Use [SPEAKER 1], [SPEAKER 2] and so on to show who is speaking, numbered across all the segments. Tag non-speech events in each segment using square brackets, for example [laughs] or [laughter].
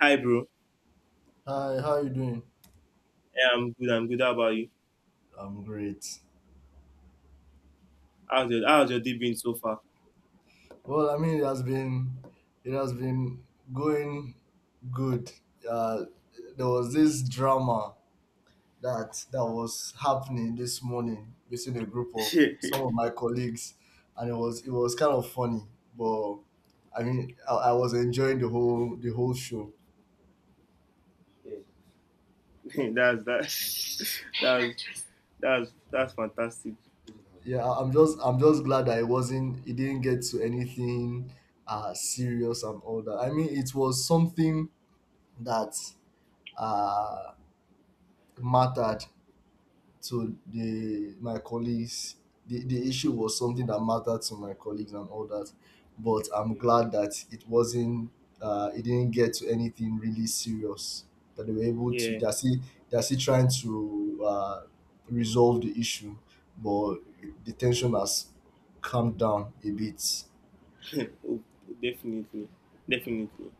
[SPEAKER 1] Hi, bro.
[SPEAKER 2] Hi, how you doing?
[SPEAKER 1] Yeah, I'm good. I'm good. How about you?
[SPEAKER 2] I'm great.
[SPEAKER 1] How's your day been so far?
[SPEAKER 2] Well, I mean, it has been going good. Uh, there was this drama that was happening this morning between a group of
[SPEAKER 1] [laughs]
[SPEAKER 2] some
[SPEAKER 1] that's
[SPEAKER 2] of my colleagues, and it was kind of funny. But I mean, I was enjoying the whole show.
[SPEAKER 1] that. [laughs] That's that's fantastic.
[SPEAKER 2] Yeah, I'm just glad that it didn't get to anything serious and all that. I mean, it was something that uh, mattered to the my colleagues. The issue was something that mattered to my colleagues and all that, but I'm glad that it wasn't. It didn't get to anything really serious. That they were able to.
[SPEAKER 1] Yeah,
[SPEAKER 2] They're still trying to resolve the issue, but the tension has calmed down a bit.
[SPEAKER 1] [laughs] Oh, definitely, definitely.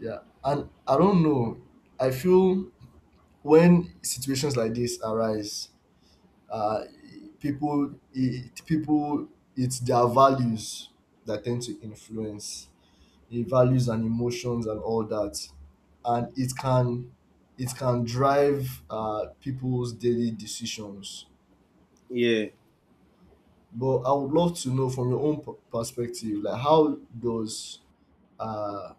[SPEAKER 2] Yeah, and I don't know. I feel when situations like this arise, uh, people it's their values that tend to influence the values and emotions and all that, and it can drive people's daily decisions.
[SPEAKER 1] Yeah.
[SPEAKER 2] But I would love to know from your own perspective, like, how does uh,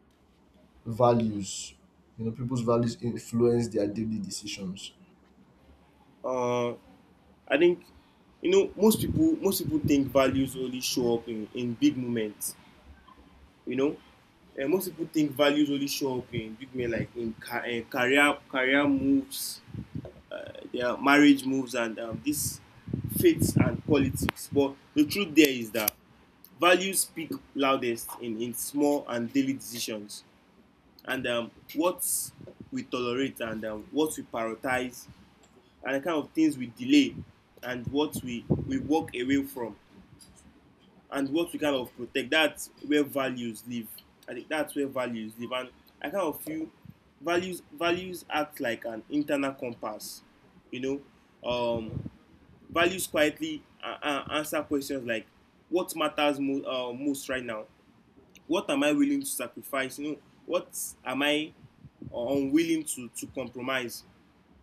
[SPEAKER 2] values, people's values influence their daily decisions?
[SPEAKER 1] Uh, I think most people think values only show up in big moments. You know, and most people think values only show up in big moments like in career moves, their marriage moves, and this faith and politics. But the truth there is that values speak loudest in small and daily decisions, and what we tolerate, and what we prioritize, and the kind of things we delay, and what we walk away from, and what we kind of protect. That's where values live. I think that's where values live. And I kind of feel values act like an internal compass, you know. Um, values quietly answer questions like what matters most right now, what am I willing to sacrifice, you know, what am I unwilling to compromise.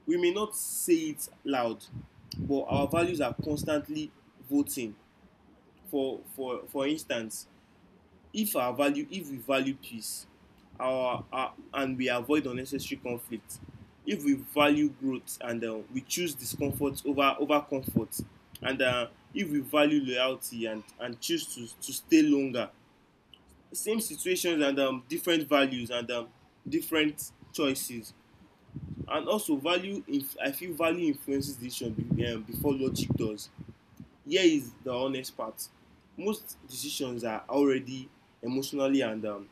[SPEAKER 1] We may not say it loud, but our values are constantly voting. For instance, if we value peace, our and we avoid unnecessary conflict. If we value growth, and we choose discomfort over over comfort, and if we value loyalty and choose to stay longer. Same situations and different values and different choices. And also value inf I feel value influences decision before logic does. Here is the honest part: most decisions are already emotionally and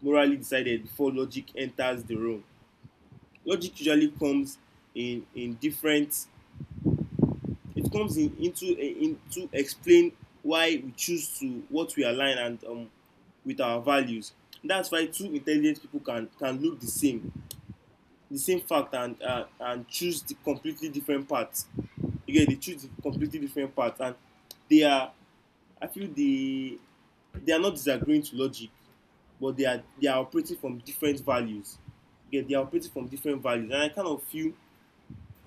[SPEAKER 1] morally decided before logic enters the room. Logic usually comes in different. It comes in into in to explain why we choose to what we align and with our values. That's why two intelligent people can look the same fact, and choose the completely different parts. Again, they choose the completely different parts, and they are. I feel they are not disagreeing to logic, but they are operating from different values. Yeah, they are operating from different values, and I kind of feel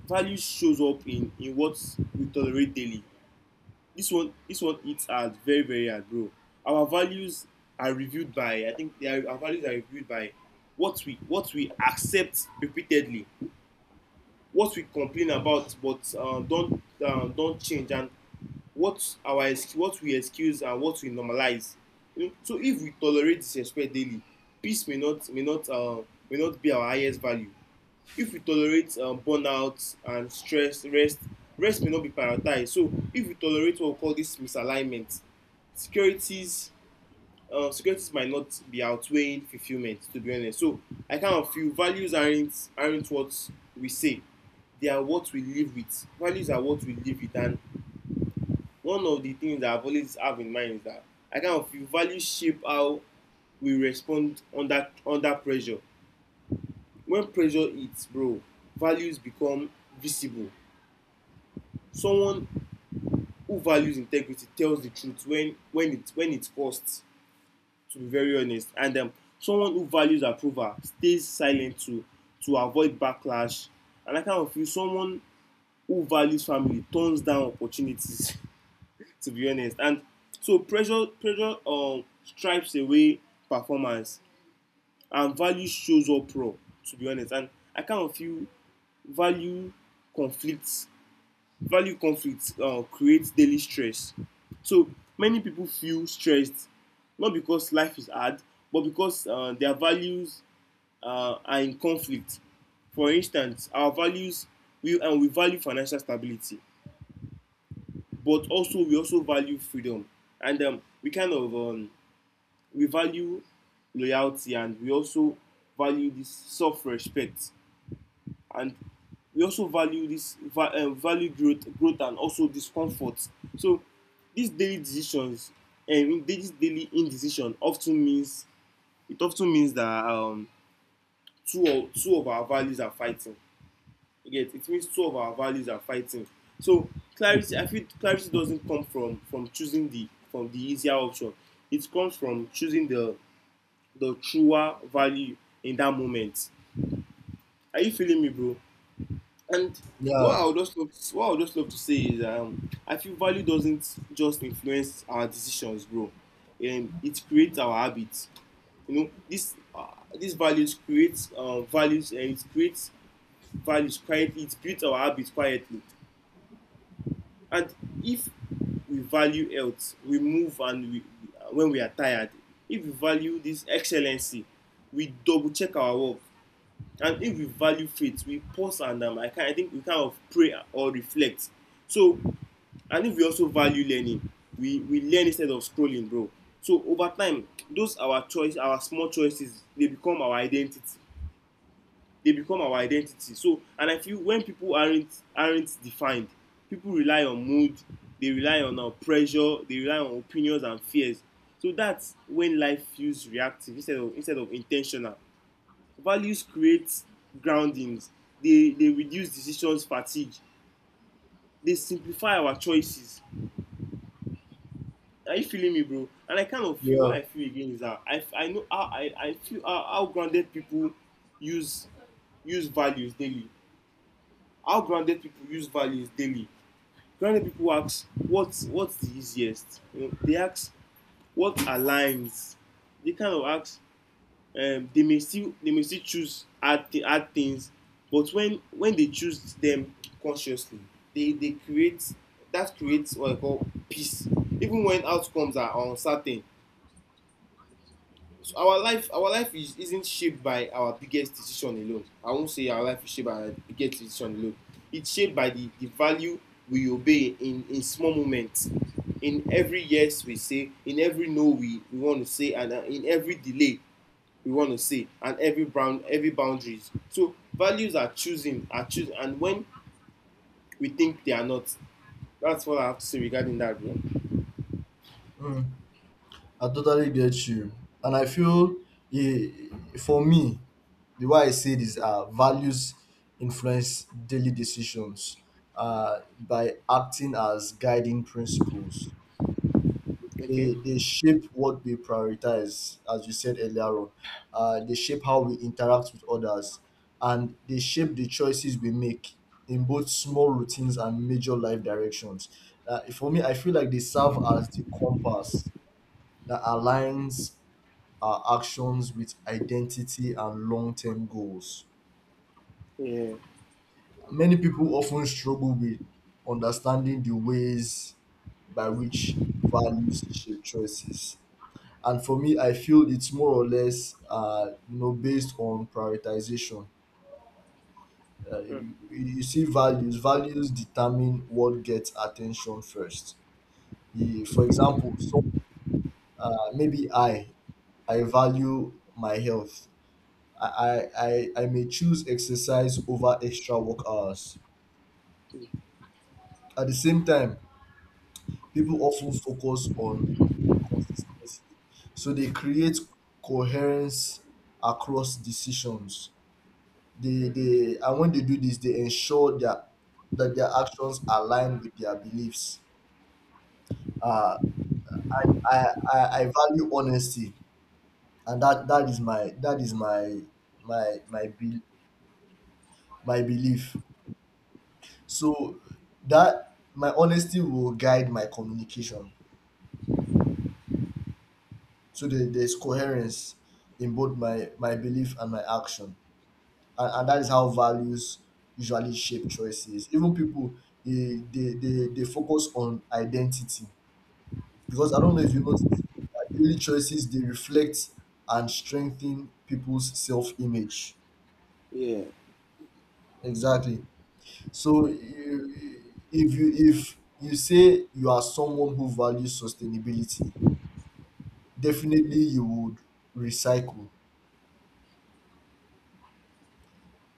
[SPEAKER 1] values shows up in what we tolerate daily. This one hits hard, very very hard, bro. Our values are reviewed by, I think they are, our values are reviewed by what we accept repeatedly, what we complain about but don't change, and what our what we excuse and what we normalize. You know, so if we tolerate disrespect daily, peace may not be our highest value. If we tolerate burnout and stress, rest may not be prioritized. So if we tolerate what we call this misalignment, securities securities might not be outweighing fulfilment, to be honest. So I kind of feel values aren't what we say, they are what we live with. Values are what we live with, and one of the things that I've always have in mind is that I kind of feel values shape how we respond under under pressure. When pressure hits, bro, values become visible. Someone who values integrity tells the truth when it costs, to be very honest. And someone who values approval stays silent to avoid backlash. And I kind of feel someone who values family turns down opportunities. [laughs] To be honest. And so pressure stripes away performance, and value shows up raw, to be honest. And I kind of feel value conflicts value conflicts creates daily stress. So many people feel stressed not because life is hard, but because their values are in conflict. For instance, our values we and we value financial stability, but also we also value freedom, and we kind of we value loyalty, and we also value this self-respect, and we also value growth, and also discomfort. So these daily decisions and this daily indecision often means, that two of our values are fighting. You It means two of our values are fighting. So clarity, I feel clarity doesn't come from choosing the from the easier option, it comes from choosing the truer value in that moment. Are you feeling me, bro? And
[SPEAKER 2] Yeah,
[SPEAKER 1] what I would just love to say is, I feel value doesn't just influence our decisions, bro. It creates our habits. You know, this these values create values, and it creates values quietly. It builds our habits quietly. And if we value health, we move and we when we are tired. If we value this excellency, we double check our work. And if we value faith, we pause and I think we kind of pray or reflect. So, and if we also value learning, we learn instead of scrolling, bro. So over time, our small choices, they become our identity. They become our identity. So, and I feel when people aren't defined, people rely on mood, they rely on pressure, they rely on opinions and fears. So that's when life feels reactive instead of intentional. Values create groundings, dey dey reduce decisions fatigue, dey simplify our choices. Are you feeling me, bro? And I kind of feel,
[SPEAKER 2] yeah.
[SPEAKER 1] why I feel again, is that I feel how grounded people use use values daily, how grounded people use values daily. Grounded people ask what what's the easiest you know, they ask what aligns, they kind of ask, they may still choose hard, hard things, but when they choose them consciously, they create, that creates what I call peace, even when outcomes are uncertain. So our life is isn't shaped by our biggest decision alone. I won't say our life is shaped by our biggest decision alone. It's shaped by the value we obey in small moments, in every yes we say, in every no we want to say, and in every delay we want to say, and every boundaries. So values are choosing, and when we think they are not. That's what I have to say regarding that, bro.
[SPEAKER 2] Mm. I totally get you. And I feel, eh, for me, the way I see it is, values influence daily decisions by acting as guiding principles.
[SPEAKER 1] Okay.
[SPEAKER 2] They shape what we prioritize, as you said earlier on. They shape how we interact with others, and they shape the choices we make in both small routines and major life directions. For me, I feel like they serve as the compass that aligns our actions with identity and long term goals.
[SPEAKER 1] Yeah.
[SPEAKER 2] Many people often struggle with understanding the ways by which values shape choices. And for me, I feel it's more or less, based on prioritization.
[SPEAKER 1] Mm.
[SPEAKER 2] You see, values determine what gets attention first. For example, so, maybe I value my health. I may choose exercise over extra work hours. At the same time, people often focus on consistency. So they create coherence across decisions. They and when they do this, they ensure that their actions align with their beliefs. Uh, and I value honesty, and that is my my my be, my belief. So that my honesty will guide my communication. So there's coherence in both my belief and my action, and that is how values usually shape choices. Even people, they focus on identity, because I don't know if you notice that daily choices, they reflect and strengthen people's self image.
[SPEAKER 1] Yeah,
[SPEAKER 2] Exactly. So if you say you are someone who values sustainability, definitely you would recycle.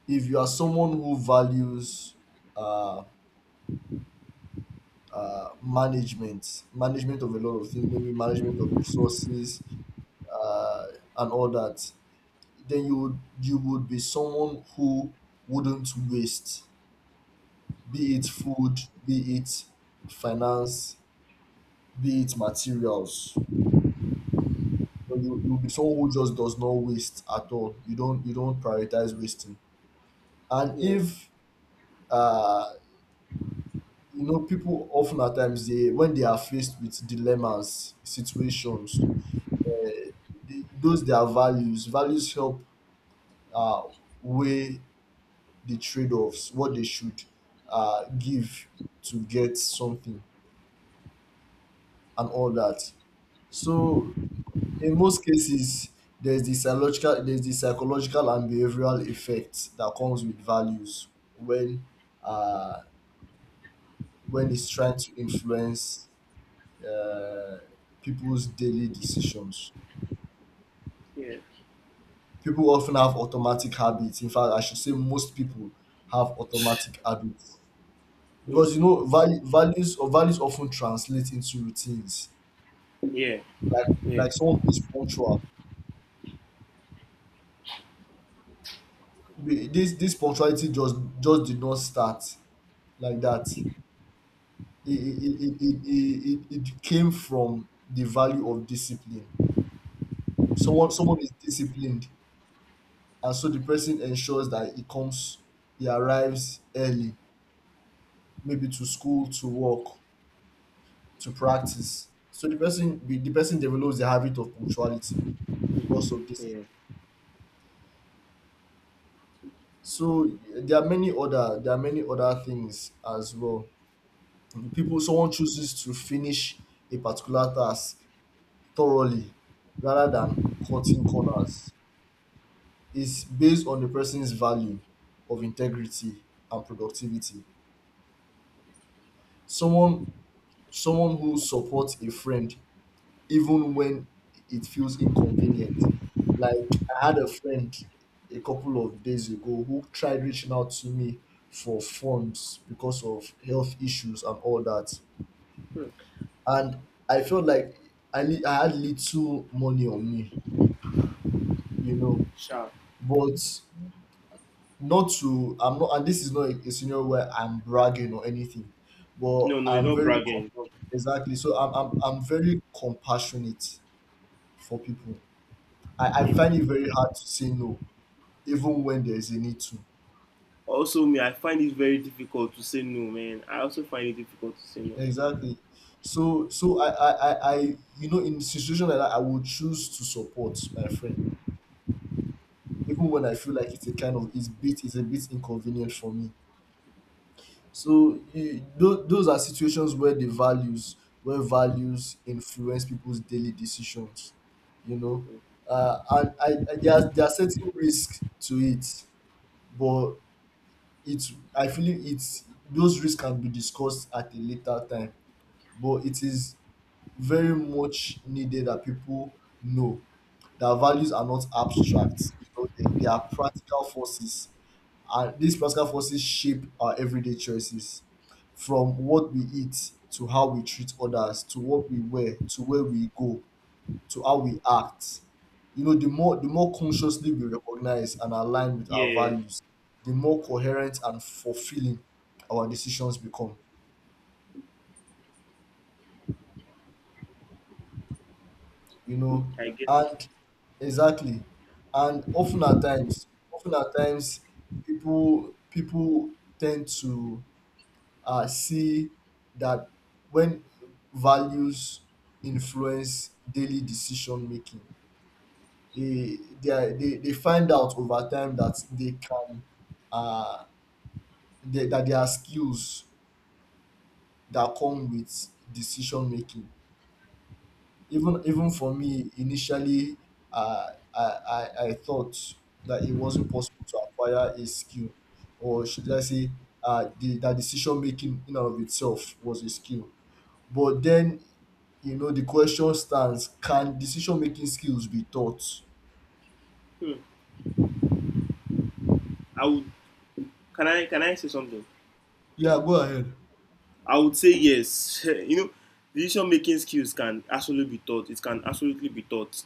[SPEAKER 2] If you are someone who values uh, management of a lot of things, maybe management of resources uh, and all that, then you would be someone who wouldn't waste, be it food, be it finance, be it materials. You'll be someone who just does not waste at all. You don't prioritize wasting. and
[SPEAKER 1] yeah,
[SPEAKER 2] if uh people often at times, they when they are faced with dilemmas situations, they, those their values values help uh, weigh the trade-offs, what they should give to get something and all that. So in most cases, there's the psychological and behavioral effect that comes with values when, uh, when it's trying to influence uh, people's daily decisions.
[SPEAKER 1] yeah.
[SPEAKER 2] People often have automatic habits. In fact, I should say most people have automatic habits,
[SPEAKER 1] Mm.
[SPEAKER 2] because values often translate into routines.
[SPEAKER 1] Yeah,
[SPEAKER 2] Like
[SPEAKER 1] yeah,
[SPEAKER 2] like someone who is punctual, this punctuality just did not start like that. It came from the value of discipline. Someone is disciplined, and so the person ensures that he arrives early, maybe to school, to work, to practice. So the person develops the habit of punctuality because of this.
[SPEAKER 1] yeah.
[SPEAKER 2] So there are many other things as well. People Someone chooses to finish a particular task thoroughly rather than cutting corners. It's based on the person's value of integrity and productivity. Someone someone who supports a friend, even when it feels inconvenient. Like, I had a friend a couple of days ago who tried reaching out to me for funds because of health issues and all that,
[SPEAKER 1] Mm.
[SPEAKER 2] and I felt like I had little money on me, you know,
[SPEAKER 1] Sharp.
[SPEAKER 2] but not to, I'm not, and this is not a scenario where I'm bragging or anything, but
[SPEAKER 1] No, no, it's
[SPEAKER 2] I'm
[SPEAKER 1] not
[SPEAKER 2] very.
[SPEAKER 1] bragging, it's not—
[SPEAKER 2] Exactly. So I'm very compassionate for people. I find
[SPEAKER 1] Mm.
[SPEAKER 2] it very hard to say no, even when there is a need to.
[SPEAKER 1] Also me, I find it very difficult to say no, man. I also find it difficult to say no.
[SPEAKER 2] Exactly. So I in situation like that, I will choose to support my friend, even when I feel like it's a kind of it's bit it's a bit inconvenient for me. So those are situations where values influence people's daily decisions, you know, and I there are certain risks to it, but. It's. I feel it's, those risks can be discussed at a later time, but it is very much needed that people know that values are not abstract. They are practical forces, and these practical forces shape our everyday choices, from what we eat, to how we treat others, to what we wear, to where we go, to how we act. You know, the more consciously we recognize and align with our
[SPEAKER 1] Yeah,
[SPEAKER 2] values, the more
[SPEAKER 1] yeah.
[SPEAKER 2] coherent and fulfilling our decisions become. You know,
[SPEAKER 1] I get.
[SPEAKER 2] and exactly, and often at times, people tend to see that when values influence daily decision making, they, are, they find out over time that they can, uh that there are skills that come with decision making. Even even for me initially, uh, I thought that it wasn't possible to acquire a skill, or should I say that decision making in and of itself was a skill. But then, the question stands: can decision making skills be taught?
[SPEAKER 1] Hmm. I would— can I say something?
[SPEAKER 2] Yeah, go ahead.
[SPEAKER 1] I would say yes. [laughs] You know, decision making skills can absolutely be taught. It can absolutely be taught,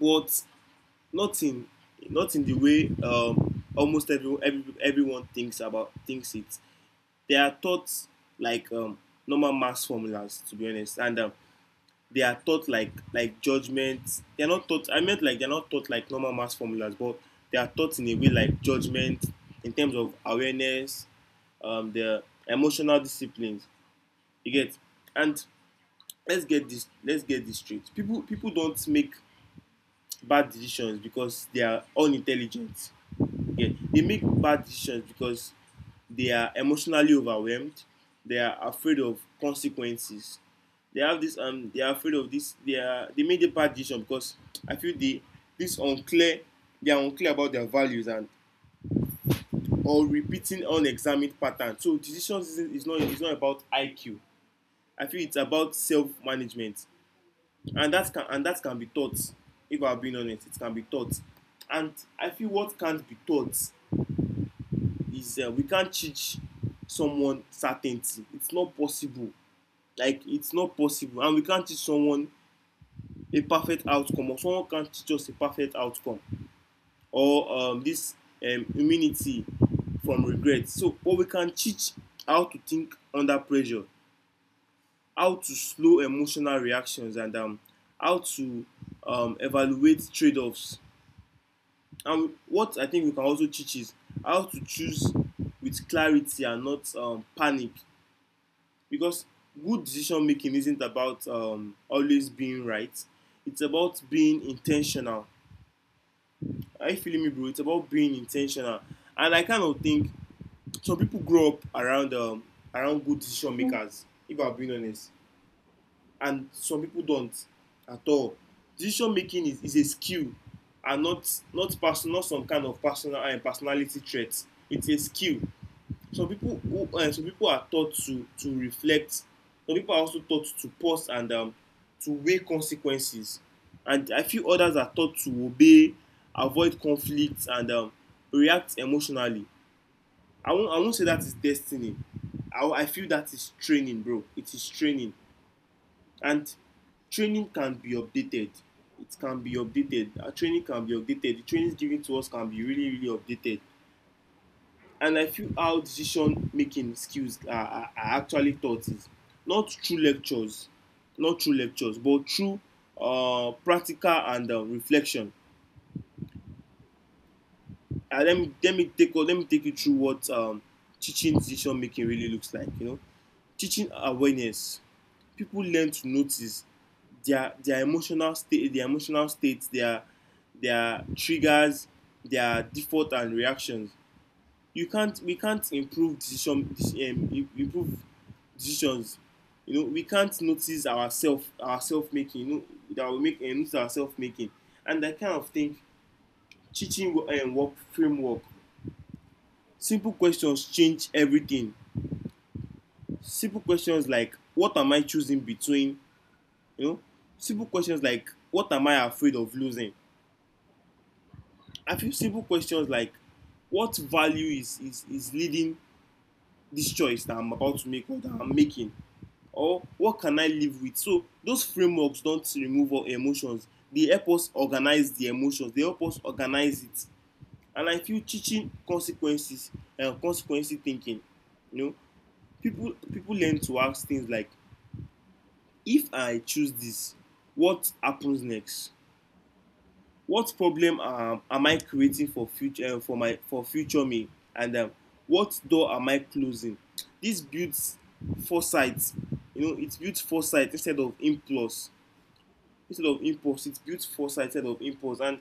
[SPEAKER 1] but not in not in the way almost every everyone thinks about thinks it. They are taught like normal math formulas, to be honest, and they are taught like judgment. They are not taught. I meant like they are not taught like normal math formulas, but they are taught in a way like judgment, in terms of awareness, the emotional disciplines. You get? And let's get this straight: people don't make bad decisions because they are unintelligent. Okay, they make bad decisions because they are emotionally overwhelmed, they are afraid of consequences, they have this they are afraid of this they are they made a bad decision because I feel they this unclear, they are unclear about their values, and or repeating unexamined patterns. So decisions is not about IQ, I feel it's about self management, and that can be taught. If I'm being honest, it can be taught. And I feel what can't be taught is, we can't teach someone certainty, it's not possible. Like it's not possible. And we can't teach someone a perfect outcome, or someone can't teach us a perfect outcome, or this immunity from regret. So but we can teach how to think under pressure, how to slow emotional reactions, and how to evaluate trade-offs. And what I think we can also teach is how to choose with clarity and not panic. Because good decision making isn't about always being right, it's about being intentional. Are you feeling me, bro? It's about being intentional. And I kind of think some people grow up around around good decision makers, if I'm being honest. And some people don't at all. Decision making is a skill, and not person not some kind of personality trait. It's a skill. Some people are taught to reflect. Some people are also taught to pause and to weigh consequences. And I feel others are taught to obey, avoid conflict and react emotionally. I won't say that is destiny. I feel that is training, bro. It is training. And training can be updated. It can be updated. Our training can be updated. The trainings given to us can be really really updated. And I feel how decision making skills are actually taught is not through lectures. Not through lectures, but through practical and reflection. Uh, let me take you through what teaching decision making really looks like. Teaching awareness. People learn to notice their emotional states, their triggers, their default and reactions. You can't we can't improve improve decisions We can't notice ourself making that we make and notice ourself making. And I kind of think teaching and work framework. Simple questions change everything. Simple questions like, what am I choosing between? you know Simple questions like, what am I afraid of losing? I feel simple questions like, what value is leading this choice that I'm about to make or that I'm making? Or what can I live with? So those frameworks don't remove all emotions. They help us organize the emotions. They help us organize it. And I feel teaching consequences and consequence thinking. You know, people learn to ask things like, if I choose this, what happens next? What problem am I creating for future for my for future me? And what door am I closing? This builds foresight. It builds foresight instead of impulse. Instead of impulse, it builds foresight instead of impulse. And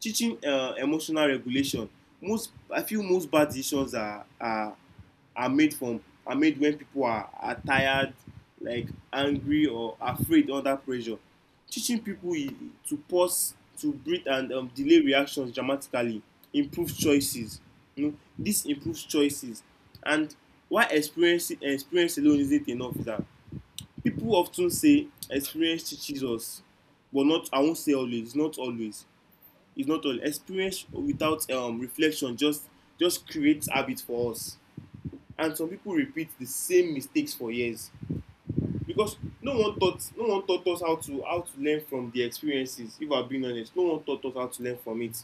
[SPEAKER 1] teaching emotional regulation. Most i feel most bad decisions are made when people are tired, like angry or afraid under pressure. Teaching people to pause, to breathe and delay reactions dramatically improves choices. This improves choices. And why experience alone isn't enough is that people often say experience teaches us, but not, I won't say always, not always. It's not all experience without reflection. Just creates habit for us, and some people repeat the same mistakes for years because no one taught us how to learn from the experiences. If I'm being honest, no one taught us how to learn from it.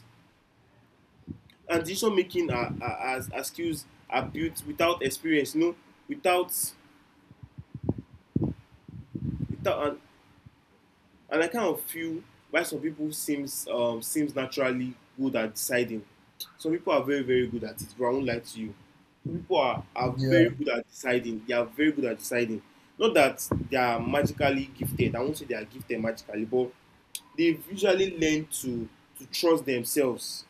[SPEAKER 1] And decision making are skills are built without experience, without, without. And I kind of feel why some people seems naturally good at deciding. Some people are very very good at it. But I won't lie to you. Some people are
[SPEAKER 2] Yeah.
[SPEAKER 1] very good at deciding. They are very good at deciding. Not that they are magically gifted. I won't say they are gifted magically, but they've usually learned to trust themselves.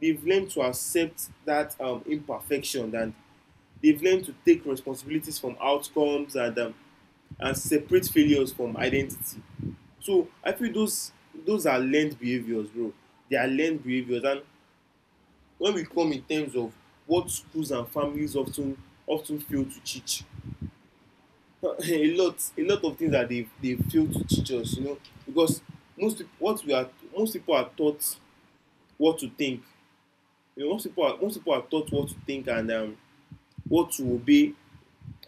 [SPEAKER 1] They've learned to accept that imperfection, and they've learned to take responsibilities from outcomes and and separate failures from identity. So I feel those are learned behaviors, bro. They are learned behaviors. And when we come in terms of what schools and families often fail to teach, [laughs] a lot of things that they fail to teach us, because most what we are most people are taught what to think. Most people are taught what to think and what to obey,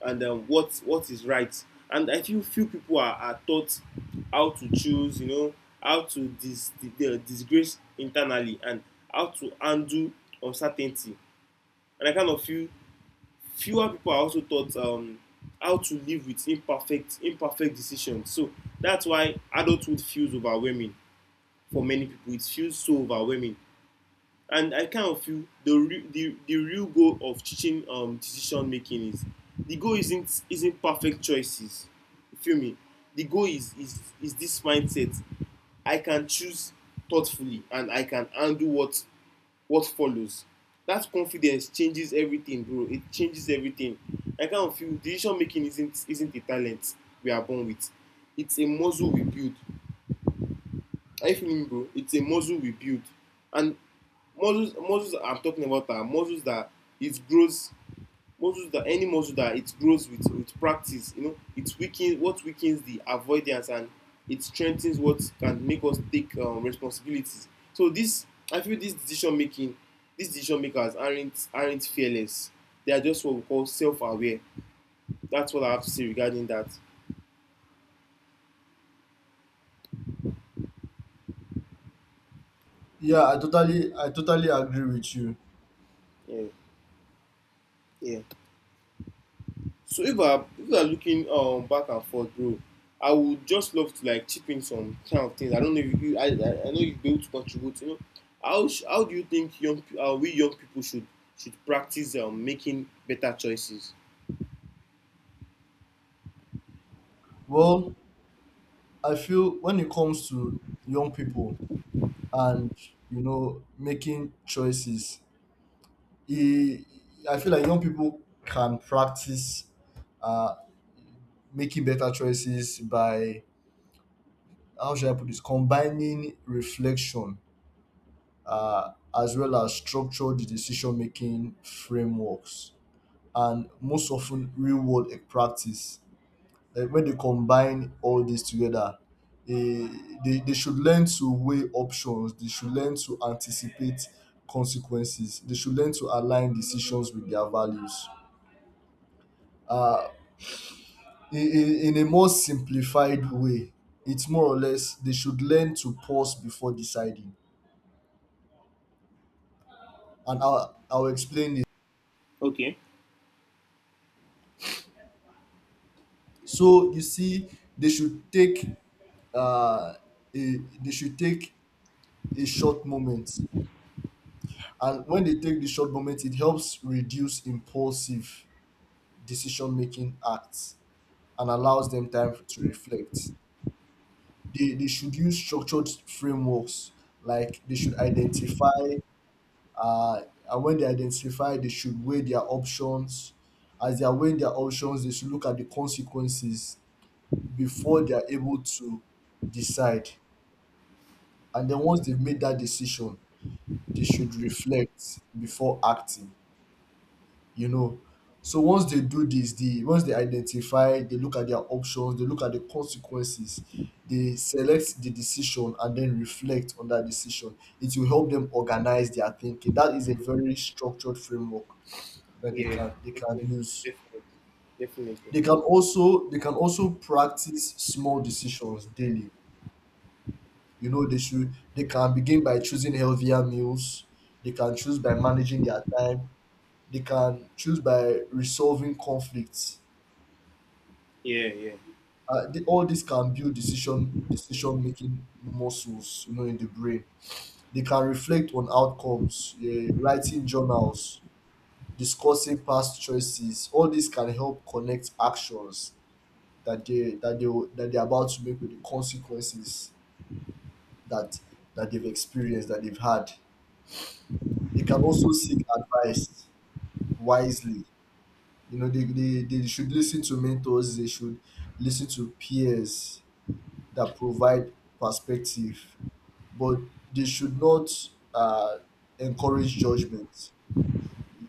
[SPEAKER 1] and what is right. And I feel few people are taught how to choose, how to disgrace internally and how to undo uncertainty. And I kind of feel fewer people are also taught how to live with imperfect decisions. So that's why adulthood feels overwhelming for many people. It feels so overwhelming. And I kind of feel the re- the real goal of teaching decision making is the goal isn't perfect choices. You feel me? The goal is this mindset. I can choose thoughtfully and I can handle what follows. That confidence changes everything, bro. It changes everything. I kind of feel decision making isn't a talent we are born with. It's a muscle we build. Are you feeling me, bro? It's a muscle we build. And muscles, I'm talking about are muscles that it grows, muscles that any muscle that it grows with practice. It weakens what weakens the avoidance and it strengthens what can make us take responsibilities. So this, I feel, this decision making, these decision makers aren't fearless. They are just what we call self-aware. That's what I have to say regarding that.
[SPEAKER 2] Yeah, I totally agree with you.
[SPEAKER 1] Yeah, yeah. So if we are looking back and forth, bro, I would just love to like chip in some kind of things. I don't know if you, I know you'd be able to contribute. How do you think we young people should practice making better choices?
[SPEAKER 2] Well, I feel when it comes to young people and making choices, e- I feel like young people can practice uh, making better choices by, how should I put this, combining reflection, uh, as well as structured decision making frameworks, and most often real world practice. Like when they combine all this together, eh, they should learn to weigh options, they should learn to anticipate consequences, they should learn to align decisions with their values. In a more simplified way, it's more or less they should learn to pause before deciding, and I'll explain it.
[SPEAKER 1] Okay.
[SPEAKER 2] So you see, they should take uh, a, they should take a short moment, and when they take the short moment, it helps reduce impulsive decision-making acts and allows them time to reflect. They should use structured frameworks, like they should identify, uh, and when they identify, they should weigh their options. As they are weighing their options, they should look at the consequences before they are able to decide. And then once they've made that decision, they should reflect before acting. you know. So once they do this, the once they identify, they look at their options, they look at the consequences, they select the decision, and then reflect on that decision. It will help them organize their thinking. That is a very structured framework that they
[SPEAKER 1] Yeah,
[SPEAKER 2] can they can
[SPEAKER 1] definitely,
[SPEAKER 2] use.
[SPEAKER 1] definitely, definitely.
[SPEAKER 2] They can also practice small decisions daily. They can begin by choosing healthier meals. They can choose by managing their time. They can choose by resolving conflicts.
[SPEAKER 1] Yeah, yeah.
[SPEAKER 2] All this can build decision making muscles, in the brain. They can reflect on outcomes. Yeah, writing journals, discussing past choices, all this can help connect actions that they're about to make with the consequences that that they've experienced that they've had. They can also seek advice wisely. They should listen to mentors, they should listen to peers that provide perspective, but they should not uh, encourage judgment.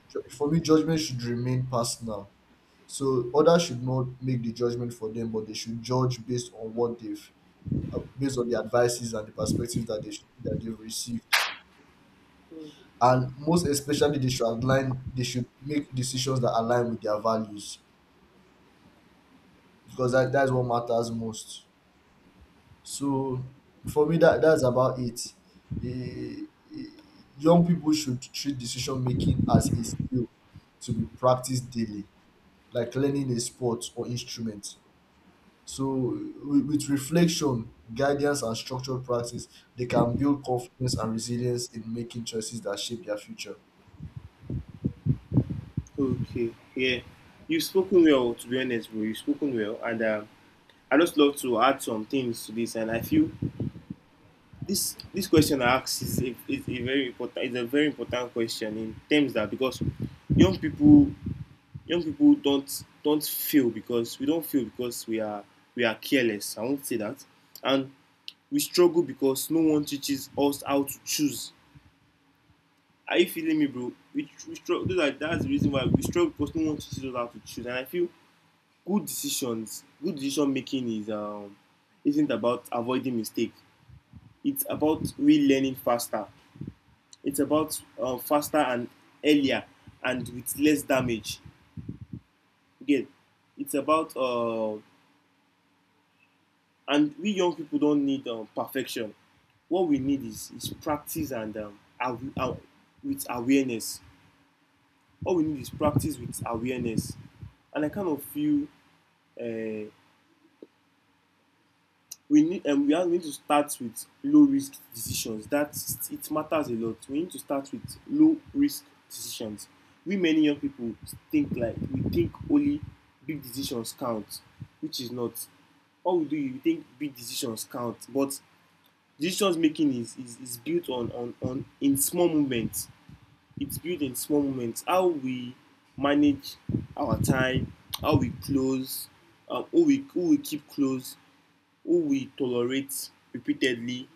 [SPEAKER 2] For me, judgment should remain personal. So others should not make the judgment for them, but they should judge based on what based on the advices and the perspectives that they've received. And most especially, they should align. They should make decisions that align with their values, because that's what matters most. So for me, that's about it. Eh, eh, Young people should treat decision making as a skill to be practiced daily, like learning a sport or instrument. So with reflection, guidance, and structured practice, they can build confidence and resilience in making choices that shape their future.
[SPEAKER 1] Okay, yeah. You've spoken well, to be honest, bro. You've spoken well, and I just love to add some things to this, and I feel this question I asked is a, is a very important question in terms that, because young people don't feel, because we don't feel, because we are careless. I won't say that, and we struggle because no one teaches us how to choose. Are you feeling me, bro? We struggle. Like, that's the reason why we struggle, because no one teaches us how to choose. And I feel good decision making is isn't about avoiding mistake. It's about relearning faster. It's about faster and earlier and with less damage. Again, it's about and we young people don't need perfection. What we need is practice and with awareness. All we need is practice with awareness. And I kind of feel uh, are going to start with low risk decisions that it matters a lot. We need to start with low risk decisions. We Many young people think like we think only big decisions count, which is not all we do is we think big decisions count. But decisions making is built on in small moments. It's built in small moments. How we manage our time, how we close, who we keep close, who we tolerate repeatedly,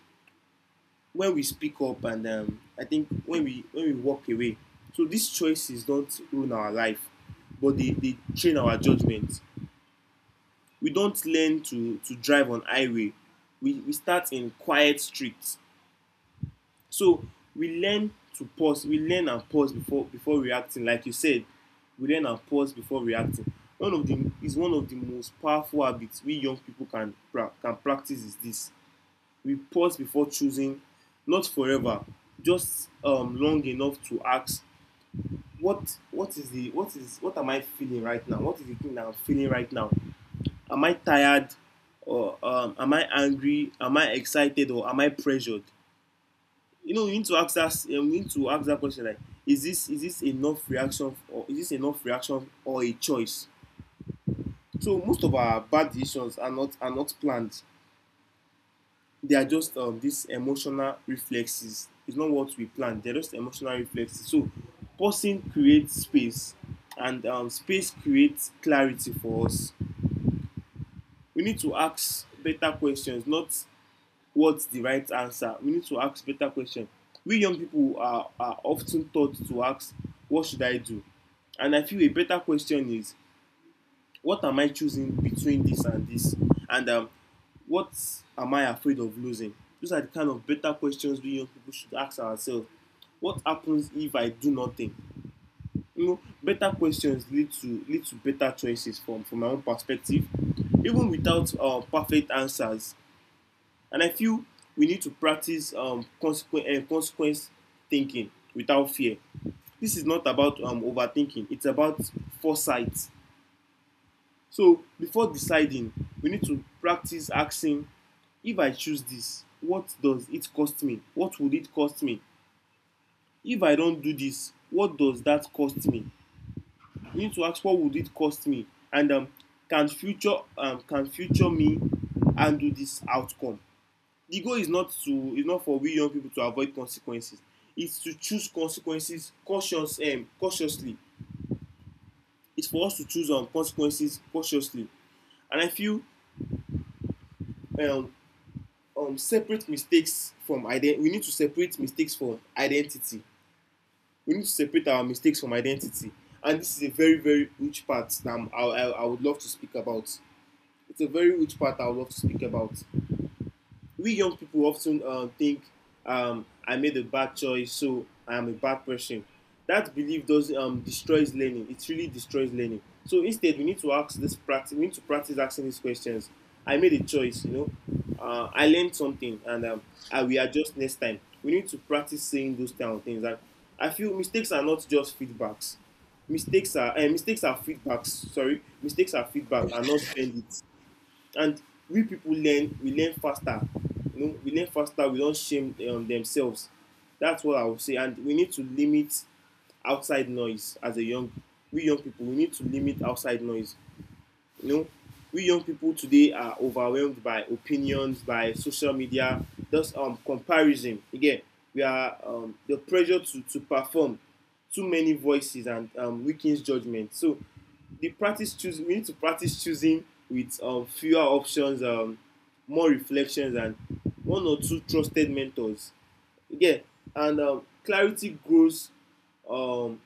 [SPEAKER 1] when we speak up and I think when we walk away. So these choices don't ruin our life, but they train our judgment. We don't learn to drive on highway. We start in quiet streets. So we learn to pause. We learn and pause before reacting. Like you said, we learn and pause before reacting. One of the most powerful habits we young people can practice is this. We pause before choosing. Not forever. Just long enough to ask, what is the what is what am I feeling right now? What is the thing that I'm feeling right now? Am I tired, or am I angry, am I excited, or am I pressured? You know you need to ask that you need to ask that question, like, is this enough reaction, or is this enough reaction or a choice? So most of our bad decisions are not planned. They are just these emotional reflexes. It's not what we plan. They're just emotional reflexes. So pausing creates space, and space creates clarity for us. We need to ask better questions, not what's the right answer. We need to ask better questions. We young people are often taught to ask, "What should I do?" And I feel a better question is, what am I choosing between this and this? And what am I afraid of losing? Those are the kind of better questions we young people should ask ourselves. What happens if I do nothing? Better questions lead to better choices from my own perspective, even without perfect answers. And I feel we need to practice consequence thinking without fear. This is not about overthinking. It's about foresight. So before deciding, we need to practice asking, if I choose this, what does it cost me? What would it cost me? If I don't do this, what does that cost me? You need to ask, what would it cost me? And can future me handle this outcome? The goal is not to is not for we young people to avoid consequences. It's to choose consequences cautiously. It's for us to choose consequences cautiously. And I feel, um, separate mistakes from ident- we need to separate mistakes from identity. We need to separate our mistakes from identity. And this is a very very huge part that I would love to speak about. It's a very huge part I would love to speak about. We young people often think, I made a bad choice, so I am a bad person. That belief does destroys learning. It really destroys learning. So instead, we need to ask this practice. We need to practice asking these questions. I made a choice, you know. I learned something, and I will adjust next time. We need to practice saying those kind of things. And I feel mistakes are not just feedbacks. Mistakes are feedbacks. Sorry, mistakes are feedback are not valid. And we learn faster. You know, we learn faster, we don't shame themselves. That's what I would say. And we need to limit outside noise as a young we young people, we need to limit outside noise, you know. We young people today are overwhelmed by opinions, by social media, just comparison again. We are the pressure to perform. Too many voices, and weakens judgment. So the practice choose we need to practice choosing with fewer options, more reflections, and one or two trusted mentors. Yeah. And clarity grows, um,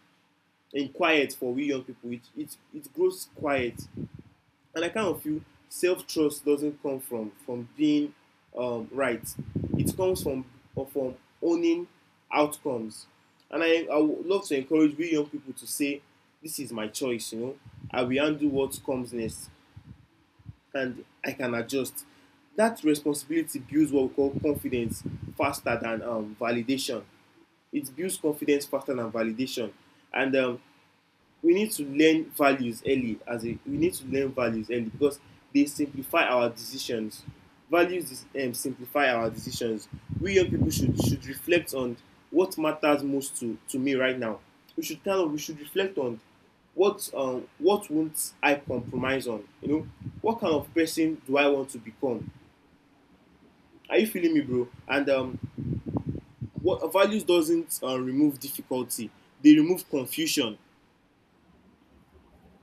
[SPEAKER 1] in quiet. For we young people, it grows quiet. And I kind of feel self trust doesn't come from being right. It comes from, or from, owning outcomes. And I would love to encourage we young people to say, this is my choice, you know. I will handle what comes next, and I can adjust. That responsibility builds what we call confidence faster than validation. It builds confidence faster than validation. And we need to learn values early because they simplify our decisions. Values simplify our decisions. We young people should reflect on what matters most to me right now. We should reflect on what, what won't I compromise on, you know? What kind of person do I want to become? Are you feeling me, bro? And what values doesn't remove difficulty, they remove confusion.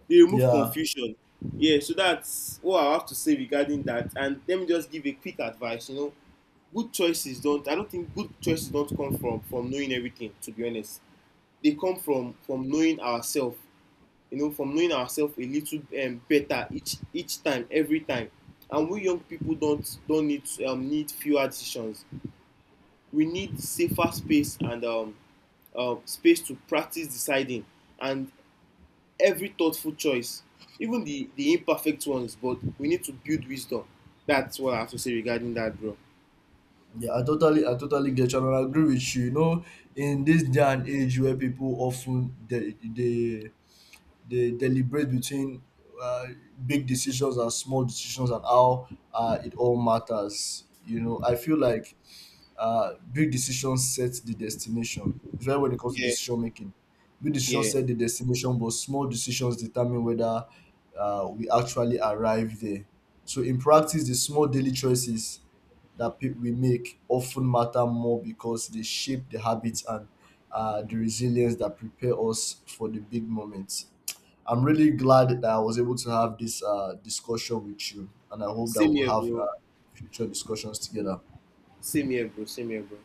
[SPEAKER 1] They remove
[SPEAKER 2] Yeah,
[SPEAKER 1] confusion. Yeah, so that's all I have to say regarding that. And let me just give a quick advice, you know. Good choices don't, I don't think good choices don't come from knowing everything, to be honest. They come from knowing ourselves. You know, from knowing ourselves a little better each time, every time. And we young people don't need, need fewer decisions. We need safer space, and space to practice deciding. And every thoughtful choice, even the imperfect ones, but we need to build wisdom. That's what I have to say regarding that, bro.
[SPEAKER 2] yeah, I totally get you, and I agree with you. In this day and age where people often, they deliberate between, uh, big decisions and small decisions and how, it all matters. I feel like, big decisions set the destination, especially when it comes to
[SPEAKER 1] Yeah,
[SPEAKER 2] decision making. Big decisions
[SPEAKER 1] yeah.
[SPEAKER 2] set the destination, but small decisions determine whether, we actually arrive there. So, in practice, the small daily choices that we make often matter more, because they shape the habits and, the resilience that prepare us for the big moments. I'm really glad that I was able to have this discussion with you, and I hope that
[SPEAKER 1] Same
[SPEAKER 2] we'll
[SPEAKER 1] here,
[SPEAKER 2] have
[SPEAKER 1] bro.
[SPEAKER 2] future discussions together.
[SPEAKER 1] Same here, bro. Same here, bro.